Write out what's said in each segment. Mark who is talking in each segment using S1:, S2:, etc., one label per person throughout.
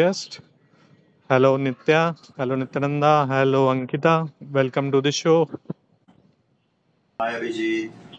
S1: guests. Hello, Nitya. Hello, Nityananda. Hello, Ankita. Welcome to the show.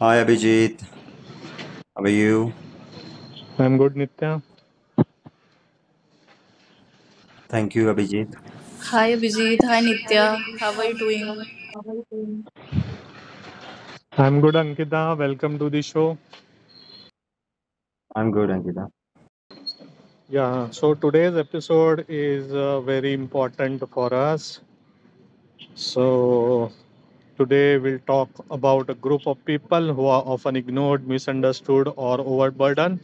S2: Hi Abhijit, how are you?
S1: I'm good, Nitya.
S2: Thank you, Abhijit.
S3: Hi Abhijit, hi Nitya, how are you doing?
S1: I'm good, Ankita. Welcome to the show.
S2: I'm good, Ankita.
S1: Yeah, So today's episode is very important for us. So today we'll talk about a group of people who are often ignored, misunderstood, or overburdened,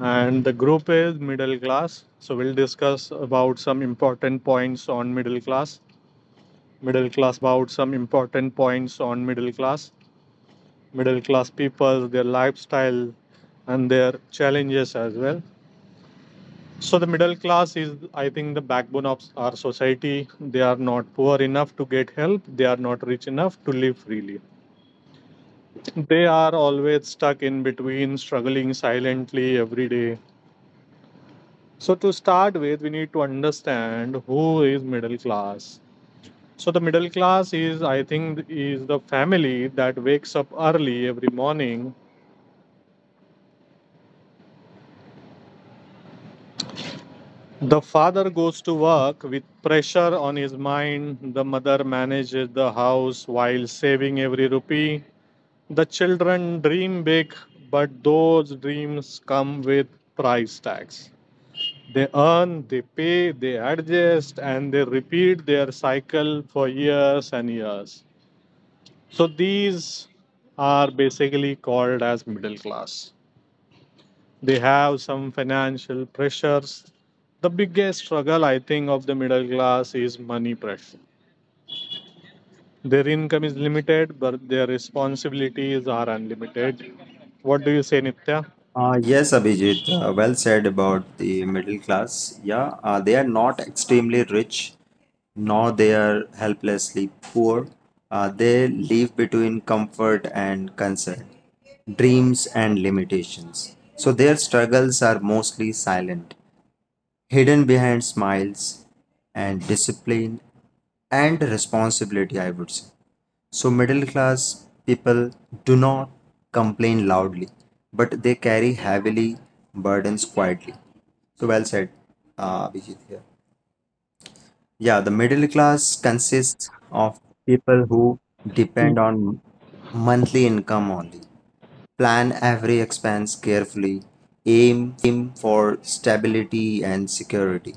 S1: and the group is middle class. So we'll discuss about some important points on middle class people, their lifestyle, and their challenges as well. So the middle class is, I think, the backbone of our society. They are not poor enough to get help. They are not rich enough to live freely. They are always stuck in between, struggling silently every day. So to start with, we need to understand who is middle class. So the middle class is the family that wakes up early every morning. The father goes to work with pressure on his mind. The mother manages the house while saving every rupee. The children dream big, but those dreams come with price tags. They earn, they pay, they adjust, and they repeat their cycle for years and years. So these are basically called as middle class. They have some financial pressures. The biggest struggle, I think, of the middle class is money pressure. Their income is limited, but their responsibilities are unlimited. What do you say, Nitya?
S2: Yes, Abhijit, well said about the middle class. Yeah, they are not extremely rich, nor they are helplessly poor. They live between comfort and concern, dreams and limitations. So their struggles are mostly silent, hidden behind smiles and discipline and responsibility, I would say. So, middle class people do not complain loudly, but they carry heavily burdens quietly. So, well said, Abhijit here. Yeah, the middle class consists of people who depend on monthly income only, plan every expense carefully, aim for stability and security.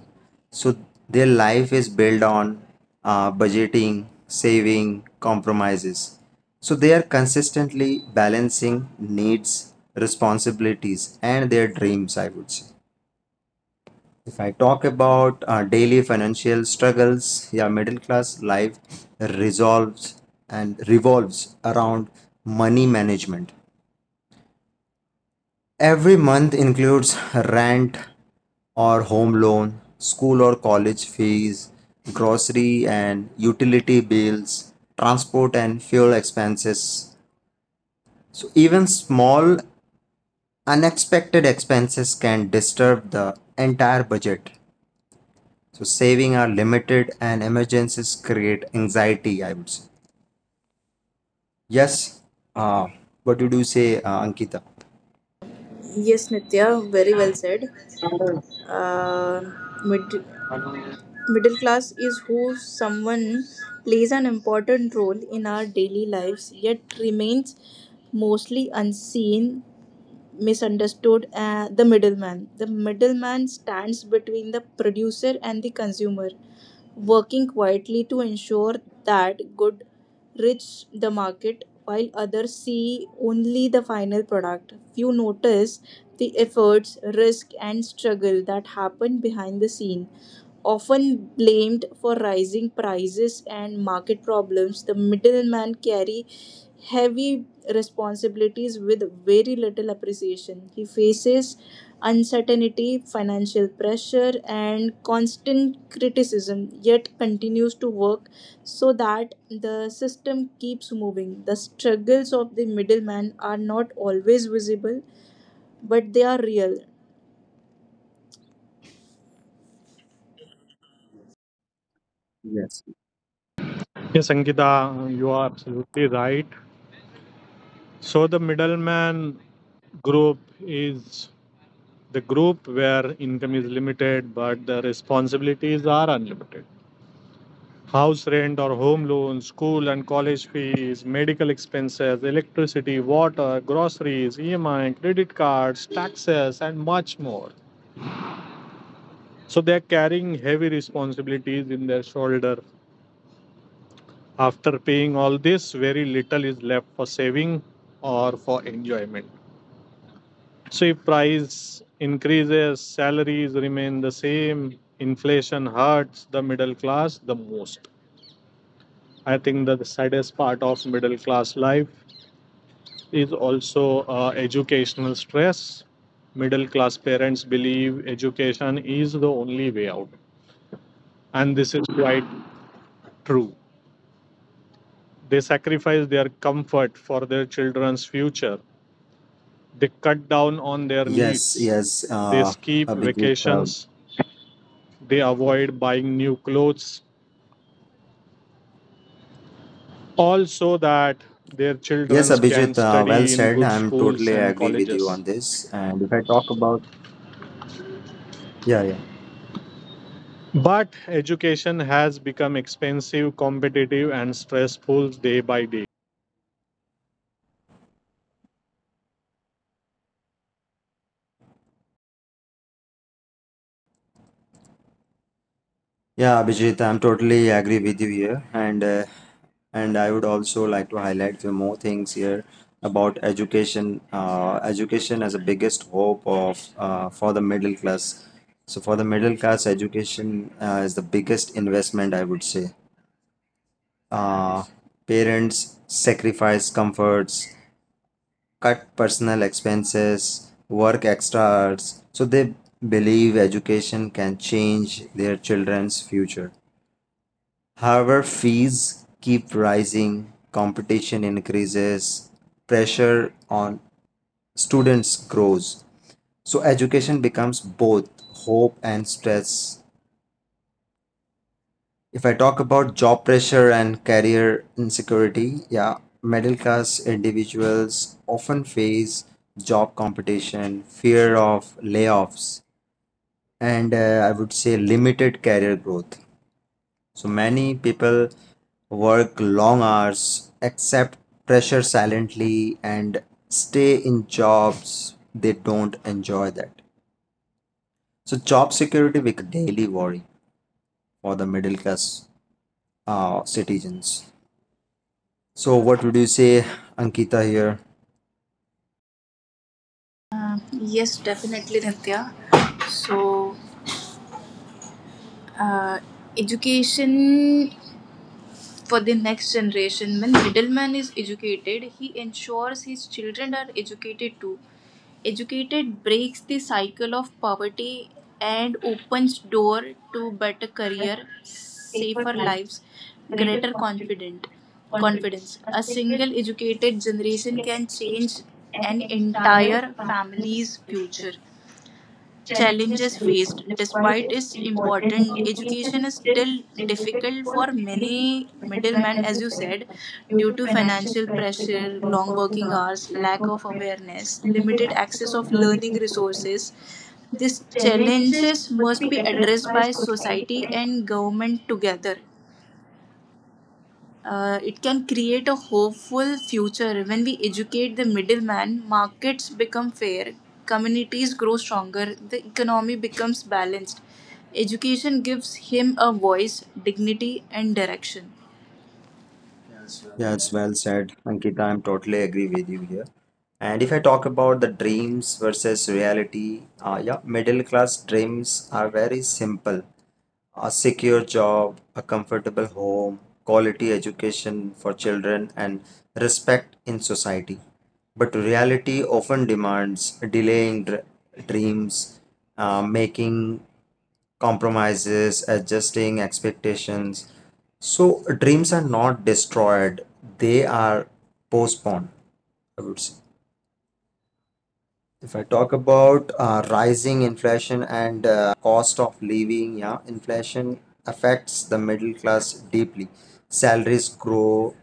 S2: So their life is built on budgeting, saving, compromises. So they are consistently balancing needs, responsibilities, and their dreams, I would say. If I talk about daily financial struggles, yeah, middle class life resolves and revolves around money management. Every month includes rent or home loan, school or college fees, grocery and utility bills, transport and fuel expenses. So, even small unexpected expenses can disturb the entire budget. So saving are limited and emergencies create anxiety, I would say. Yes. Uh, what did you say, Ankita?
S3: Yes, Nitya, very well said. Uh, mid- middle class is who someone plays an important role in our daily lives, yet remains mostly unseen, misunderstood, the middleman. The middleman stands between the producer and the consumer, working quietly to ensure that good reach the market while others see only the final product. Few notice the efforts, risk, and struggle that happen behind the scene. Often blamed for rising prices and market problems, the middlemen carry heavy responsibilities with very little appreciation. He faces uncertainty, financial pressure, and constant criticism, yet continues to work so that the system keeps moving. The struggles of the middleman are not always visible, but they are real.
S2: Yes.
S1: Yes, Ankita, you are absolutely right. So the middleman group is the group where income is limited, but the responsibilities are unlimited. House rent or home loan, school and college fees, medical expenses, electricity, water, groceries, EMI, credit cards, taxes, and much more. So they are carrying heavy responsibilities in their shoulder. After paying all this, very little is left for saving or for enjoyment. So if price increases, salaries remain the same, inflation hurts the middle class the most. I think that the saddest part of middle class life is also educational stress. Middle class parents believe education is the only way out, and this is quite true. They sacrifice their comfort for their children's future. They cut down on their
S2: Yes,
S1: needs,
S2: yes,
S1: they
S2: uh,
S1: skip
S2: Abhijit. Uh,
S1: vacations, they avoid buying new clothes, all so that their
S2: yes,
S1: children can
S2: Abhijit, well
S1: study in
S2: said.
S1: good
S2: I'm
S1: schools
S2: totally
S1: and
S2: agree with you on
S1: colleges.
S2: this. And if I talk about, yeah, yeah.
S1: But education has become expensive, competitive, and stressful day by day.
S2: Yeah, Abhijit, I'm totally agree with you here, and and I would also like to highlight few more things here about education. Education as a biggest hope of for the middle class. So for the middle class, education is the biggest investment I would say. Uh, parents sacrifice comforts, cut personal expenses, work extra hours, so they believe education can change their children's future. However, fees keep rising, competition increases, pressure on students grows. So, education becomes both hope and stress. If I talk about job pressure and career insecurity, yeah, middle class individuals often face job competition, fear of layoffs, and I would say limited career growth. So many people work long hours, accept pressure silently, and stay in jobs they don't enjoy that. So job security becomes a daily worry for the middle class citizens. So what would you say, Ankita here?
S3: Yes, definitely, Nitya. So uh, education for the next generation. When middleman is educated, he ensures his children are educated too. Educated breaks the cycle of poverty and opens door to better
S4: Their
S3: career,
S4: paper
S3: safer
S4: lives
S3: lives,
S4: greater
S3: greater
S4: confidence.
S3: confident
S4: confidence.
S3: confidence.
S4: A
S3: A
S4: single
S3: single educated generation
S4: can
S3: can
S4: change
S3: change
S4: an
S3: an
S4: entire
S3: entire
S4: family's
S3: family's future.
S4: challenges.
S3: Challenges faced.
S4: Despite
S3: Despite
S4: its
S3: its
S4: importance,
S3: importance,
S4: education
S3: education
S4: is
S3: is
S4: still
S3: still
S4: difficult
S3: difficult
S4: for
S3: for
S4: many
S3: many
S4: middlemen,
S3: middlemen,
S4: as
S3: as
S4: you
S3: you
S4: said,
S3: said,
S4: due
S3: due
S4: to
S3: to
S4: financial
S3: financial
S4: pressures,
S3: pressure, long
S4: working
S3: working
S4: hours,
S3: hours,
S4: lack
S3: lack
S4: of
S3: of
S4: awareness,
S3: awareness,
S4: limited
S3: limited
S4: access
S3: access
S4: of
S3: of
S4: learning
S3: learning
S4: resources.
S3: resources.
S4: These
S3: These
S4: challenges
S3: challenges
S4: must
S3: must
S4: be
S3: be
S4: addressed
S3: addressed
S4: by
S3: by
S4: society
S3: society
S4: and
S3: and government together. It can create a hopeful future. When we educate the middleman, markets become fair, communities grow stronger, the economy becomes balanced. Education gives him a voice, dignity, and direction.
S2: Yeah, it's well said, Ankita. I'm totally agree with you here. And if I talk about the dreams versus reality, yeah, middle class dreams are very simple a secure job, a comfortable home, quality education for children, and respect in society. But reality often demands delaying dreams, making compromises, adjusting expectations. So, dreams are not destroyed, they are postponed, I would say. If I talk about rising inflation and cost of living, yeah, inflation affects the middle class deeply. Salaries grow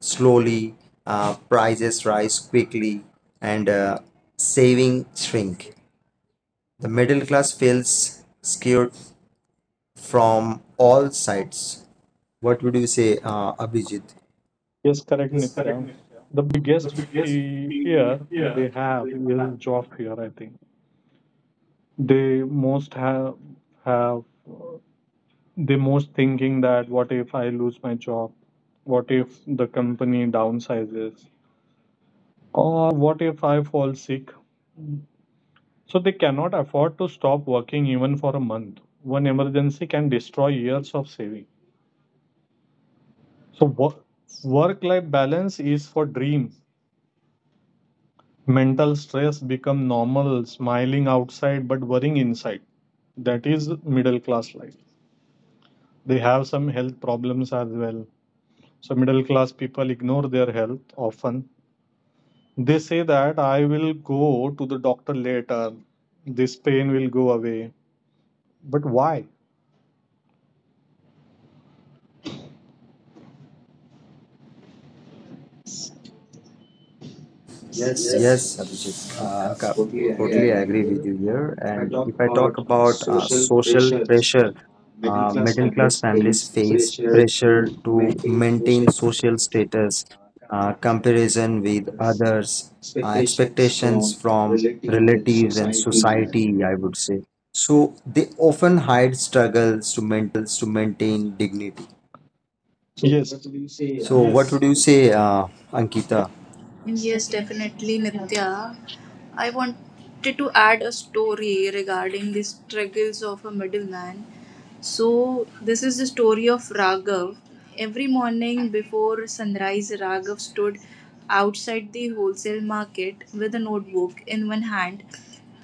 S2: slowly, prices rise quickly, and saving shrink. The middle class feels scared from all sides. What would you say, Abhijit?
S4: yes, correct, Nitya. The biggest fear they have is job fear, I think. They most have they most thinking that what if I lose my job? What if the company downsizes? Or what if I fall sick? So they cannot afford to stop working even for a month. One emergency can destroy years of saving. So work life balance is for dream. Mental stress become normal, smiling outside but worrying inside. That is middle class life. They have some health problems as well. So middle class people ignore their health often. They say that I will go to the doctor later. This pain will go away. But why?
S2: Yes, Abhijit, totally agree with you here. And if I talk about social pressure, middle class families face pressure to maintain social status, comparison with others, expectations from relatives and society, I would say. So they often hide struggles to maintain dignity.
S4: So yes. What do you say?
S2: So, what would you say, Ankita?
S4: It's
S3: Yes,
S4: definitely
S3: definitely,
S4: yeah.
S3: Nitya. I wanted to add a story regarding the struggles of a middleman. So, this is the story of Raghav. Every morning before sunrise, Raghav stood outside the wholesale market with a notebook in one hand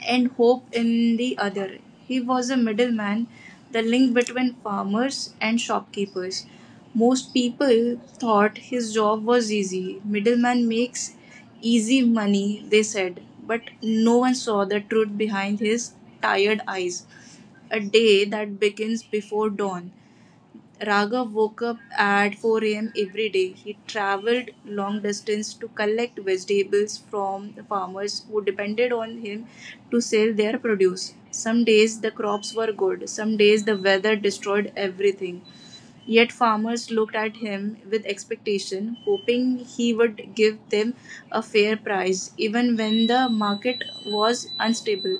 S3: and hope in the other. He was a middleman, the link between farmers and shopkeepers. Most people thought his job was easy. Middleman makes easy money, they said. But no one saw the truth behind his tired eyes. A day that begins before dawn. Raghav woke up at 4 a.m. every day. He traveled long distance to collect vegetables from the farmers who depended on him to sell their produce. Some days the crops were good, some days the weather destroyed everything. Yet farmers looked at him with expectation, hoping he would give them a fair price, even when the market was unstable.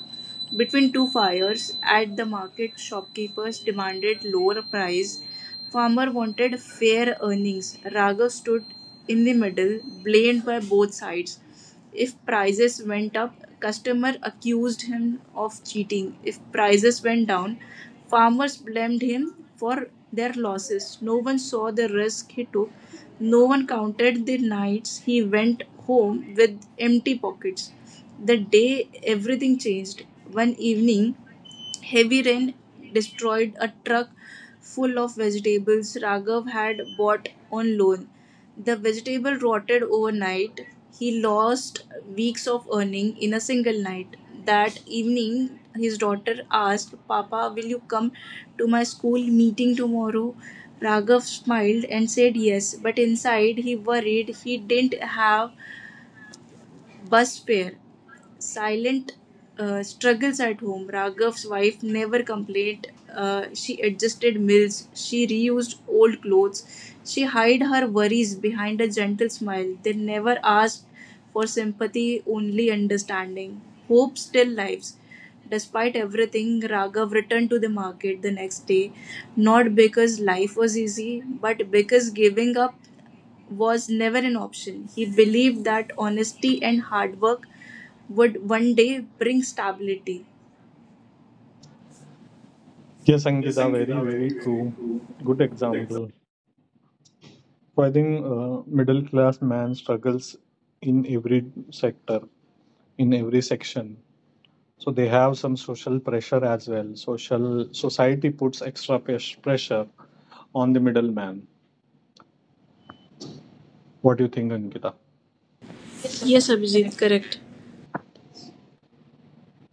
S3: Between two fires at the market, shopkeepers demanded lower price. Farmer wanted fair earnings. Raghav stood in the middle, blamed by both sides. If prices went up, customer accused him of cheating. If prices went down, farmers blamed him for their losses. No one saw the risk he took. No one counted the nights he went home with empty pockets. The day everything changed. One evening, heavy rain destroyed a truck full of vegetables Raghav had bought on loan. The vegetable rotted overnight. He lost weeks of earning in a single night. That evening, his daughter asked, Papa, will you come to my school meeting tomorrow? Raghav smiled and said yes, but inside he worried he didn't have bus fare. Silent struggles at home. Raghav's wife never complained. She adjusted meals. She reused old clothes. She hid her worries behind a gentle smile. They never asked for sympathy, only understanding. Hope still lives. Despite everything, Raghav returned to the market the next day, not because life was easy, but because giving up was never an option. He believed that honesty and hard work would one day bring stability.
S4: Yes,
S3: Yes,
S4: Angita, very,
S3: Ankita, very,
S4: very
S3: very
S4: true.
S3: true.
S4: Good
S3: Good example.
S4: example. So I think middle class man struggles in every sector, in every section, so they have some social pressure as well. Social society puts extra pressure on the middleman. What do you think, Ankita? Yes,
S3: Yes,
S4: Abhijit,
S3: Abhijit,
S4: correct.
S3: correct.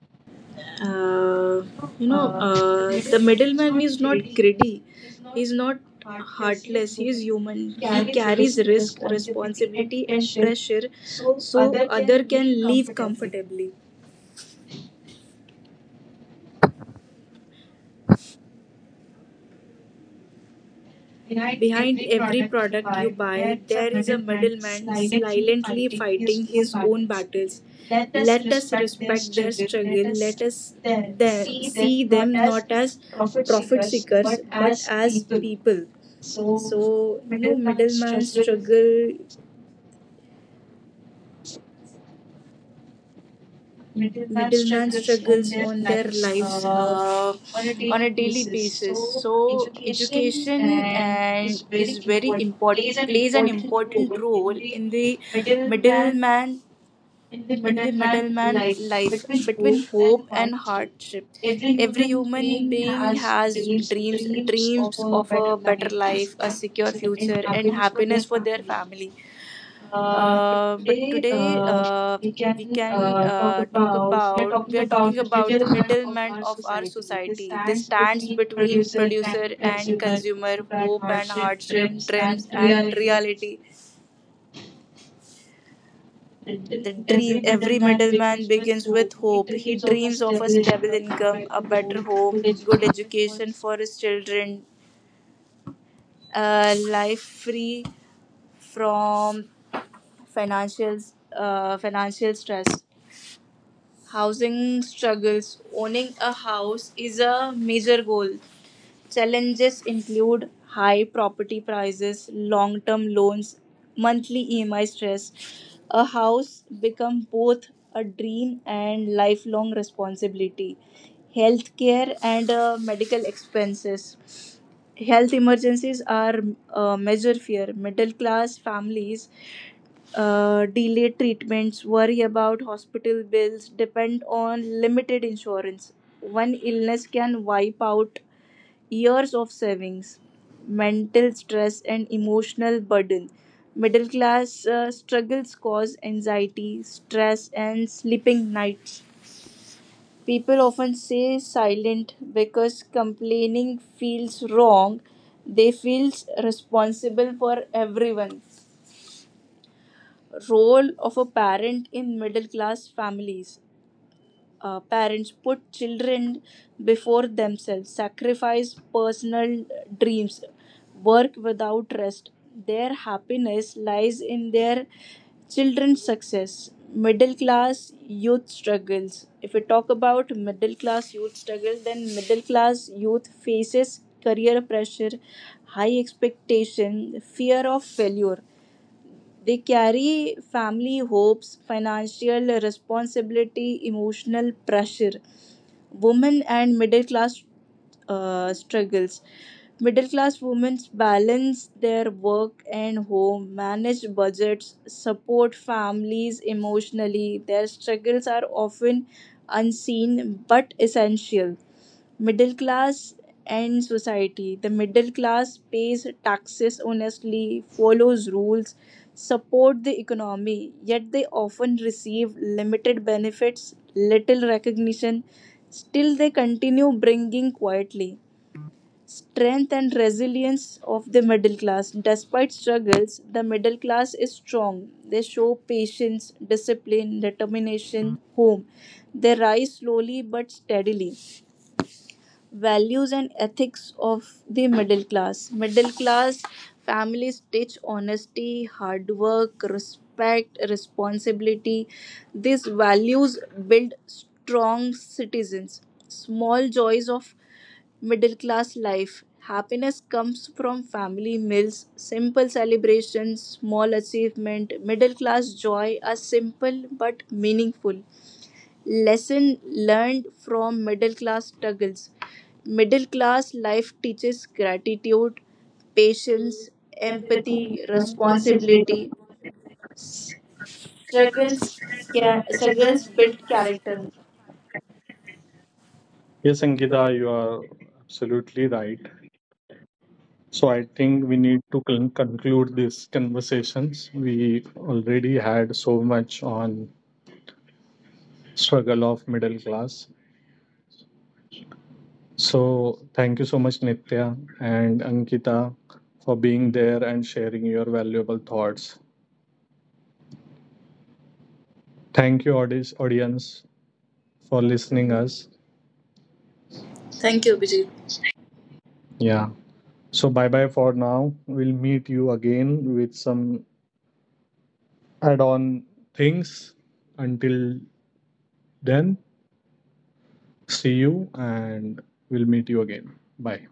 S4: Uh,
S3: Uh,
S4: no, uh, the
S3: the
S4: middleman is
S3: middleman
S4: not
S3: is not
S4: greedy.
S3: greedy.
S4: He's not
S3: He's not
S4: heartless. He is
S3: heartless. He is
S4: human.
S3: human.
S4: He
S3: He
S4: carries
S3: carries
S4: risk,
S3: risk,
S4: responsibility, and
S3: responsibility, and
S4: pressure,
S3: pressure
S4: so
S3: so
S4: other can
S3: other can
S4: live
S3: live
S4: comfortably.
S3: comfortably.
S4: Behind
S3: Behind
S4: every
S3: every
S4: product you
S3: product you
S4: buy,
S3: buy,
S4: there is a
S3: there is a
S4: middleman
S3: middleman
S4: silently
S3: silently
S4: fighting his
S3: fighting
S4: own
S3: his own
S4: battles.
S3: battles.
S4: Let us
S3: Let us
S4: respect their
S3: respect their
S4: struggle.
S3: struggle.
S4: Let
S3: Let
S4: us
S3: us
S4: there see
S3: see
S4: them not
S3: them
S4: as
S3: not as
S4: profit
S3: profit
S4: seekers,
S3: seekers
S4: but
S3: but
S4: as
S3: as
S4: people.
S3: people.
S4: So,
S3: So,
S4: no
S3: no
S4: middleman
S3: middleman
S4: struggle,
S3: struggle,
S4: middleman
S3: middleman
S4: struggles on
S3: struggles
S4: their
S3: on their
S4: lives
S3: lives
S4: on a
S3: on a
S4: daily
S3: daily
S4: basis.
S3: basis,
S4: So,
S3: so
S4: education
S3: education
S4: and
S3: and
S4: is very
S3: is very
S4: important,
S3: important,
S4: plays an
S3: plays an
S4: important
S3: important
S4: role in
S3: role
S4: the
S3: in the
S4: middleman
S3: middleman,
S4: in the
S3: in the
S4: middleman
S3: middleman
S4: life,
S3: life.
S4: between
S3: Between
S4: hope and
S3: hope and
S4: hardship.
S3: hardship,
S4: Every
S3: every
S4: human
S3: human
S4: being
S3: being
S4: has
S3: has
S4: dreams,
S3: dreams,
S4: dreams of
S3: dreams
S4: a
S3: of
S4: better
S3: a better
S4: life,
S3: life, a
S4: easier
S3: secure
S4: future, and
S3: future, and
S4: happiness for
S3: happiness
S4: their
S3: for their
S4: family.
S3: family.
S4: But
S3: But
S4: today,
S3: today,
S4: we are talking
S3: we are
S4: about
S3: talking
S4: the
S3: about the
S4: middleman of
S3: middleman
S4: our
S3: of our
S4: society. This
S3: society. This
S4: stands
S3: stands
S4: between
S3: between
S4: producer
S3: producer
S4: and
S3: and
S4: consumer,
S3: consumer,
S4: hope and
S3: hope and
S4: hardship,
S3: hardship,
S4: dreams and
S3: dreams and
S4: reality.
S3: reality.
S4: Until
S3: The
S4: every
S3: dream. Every
S4: middleman
S3: middleman
S4: begins with
S3: begins with
S4: hope. He
S3: hope. He
S4: dreams of a
S3: dreams of a
S4: stable
S3: stable
S4: income, a
S3: income, a
S4: better
S3: better
S4: home, good
S3: home, good
S4: education for
S3: education
S4: his.
S3: for his children, a life free from financial financial stress. Housing struggles. Owning a house is a major goal. Challenges include high property prices, long term loans, monthly EMI stress. A house becomes both a dream and lifelong responsibility. Healthcare and medical expenses. Health emergencies are a major fear. Middle class families delayed treatments, worry about hospital bills, depend on limited insurance. One illness can wipe out years of savings, mental stress, and emotional burden. Middle class struggles cause anxiety, stress, and sleeping nights. People often stay silent because complaining feels wrong. They feel responsible for everyone. Role of a parent in middle class families. Parents put children before themselves, sacrifice personal dreams, work without rest. Their happiness lies in their children's success. Middle class youth struggles. If we talk about middle class youth struggle, then middle class youth faces career pressure, high expectation, fear of failure. They carry family hopes, financial responsibility, emotional pressure. Women and middle class struggles. Middle class women balance their work and home, manage budgets, support families emotionally. Their struggles are often unseen but essential. Middle class and society. The middle class pays taxes honestly, follows rules, support the economy, yet they often receive limited benefits, little recognition. Still, they continue bringing quietly. Strength and resilience of the middle class. Despite struggles, the middle class is strong. They show patience, discipline, determination, home. They rise slowly but steadily. Values and ethics of the middle class. Middle class families teach honesty, hard work, respect, responsibility. These values build strong citizens. Small joys of middle class life. Happiness comes from family meals, simple celebrations, small achievement. Middle class joy are simple but meaningful. Lesson learned from middle class struggles. Middle class life teaches gratitude, patience, empathy, responsibility. Struggles, can, struggles build character.
S4: Yes, Angita, you are absolutely right. So I think we need to conclude these conversations. We already had so much on struggle of middle class. So thank you so much, Nitya and Ankita, for being there and sharing your valuable thoughts. Thank you, audience, for listening us.
S3: Thank you, Abhijit.
S4: Yeah. So bye bye for now. We'll meet you again with some add-on things. Until then, see you, and we'll meet you again. Bye.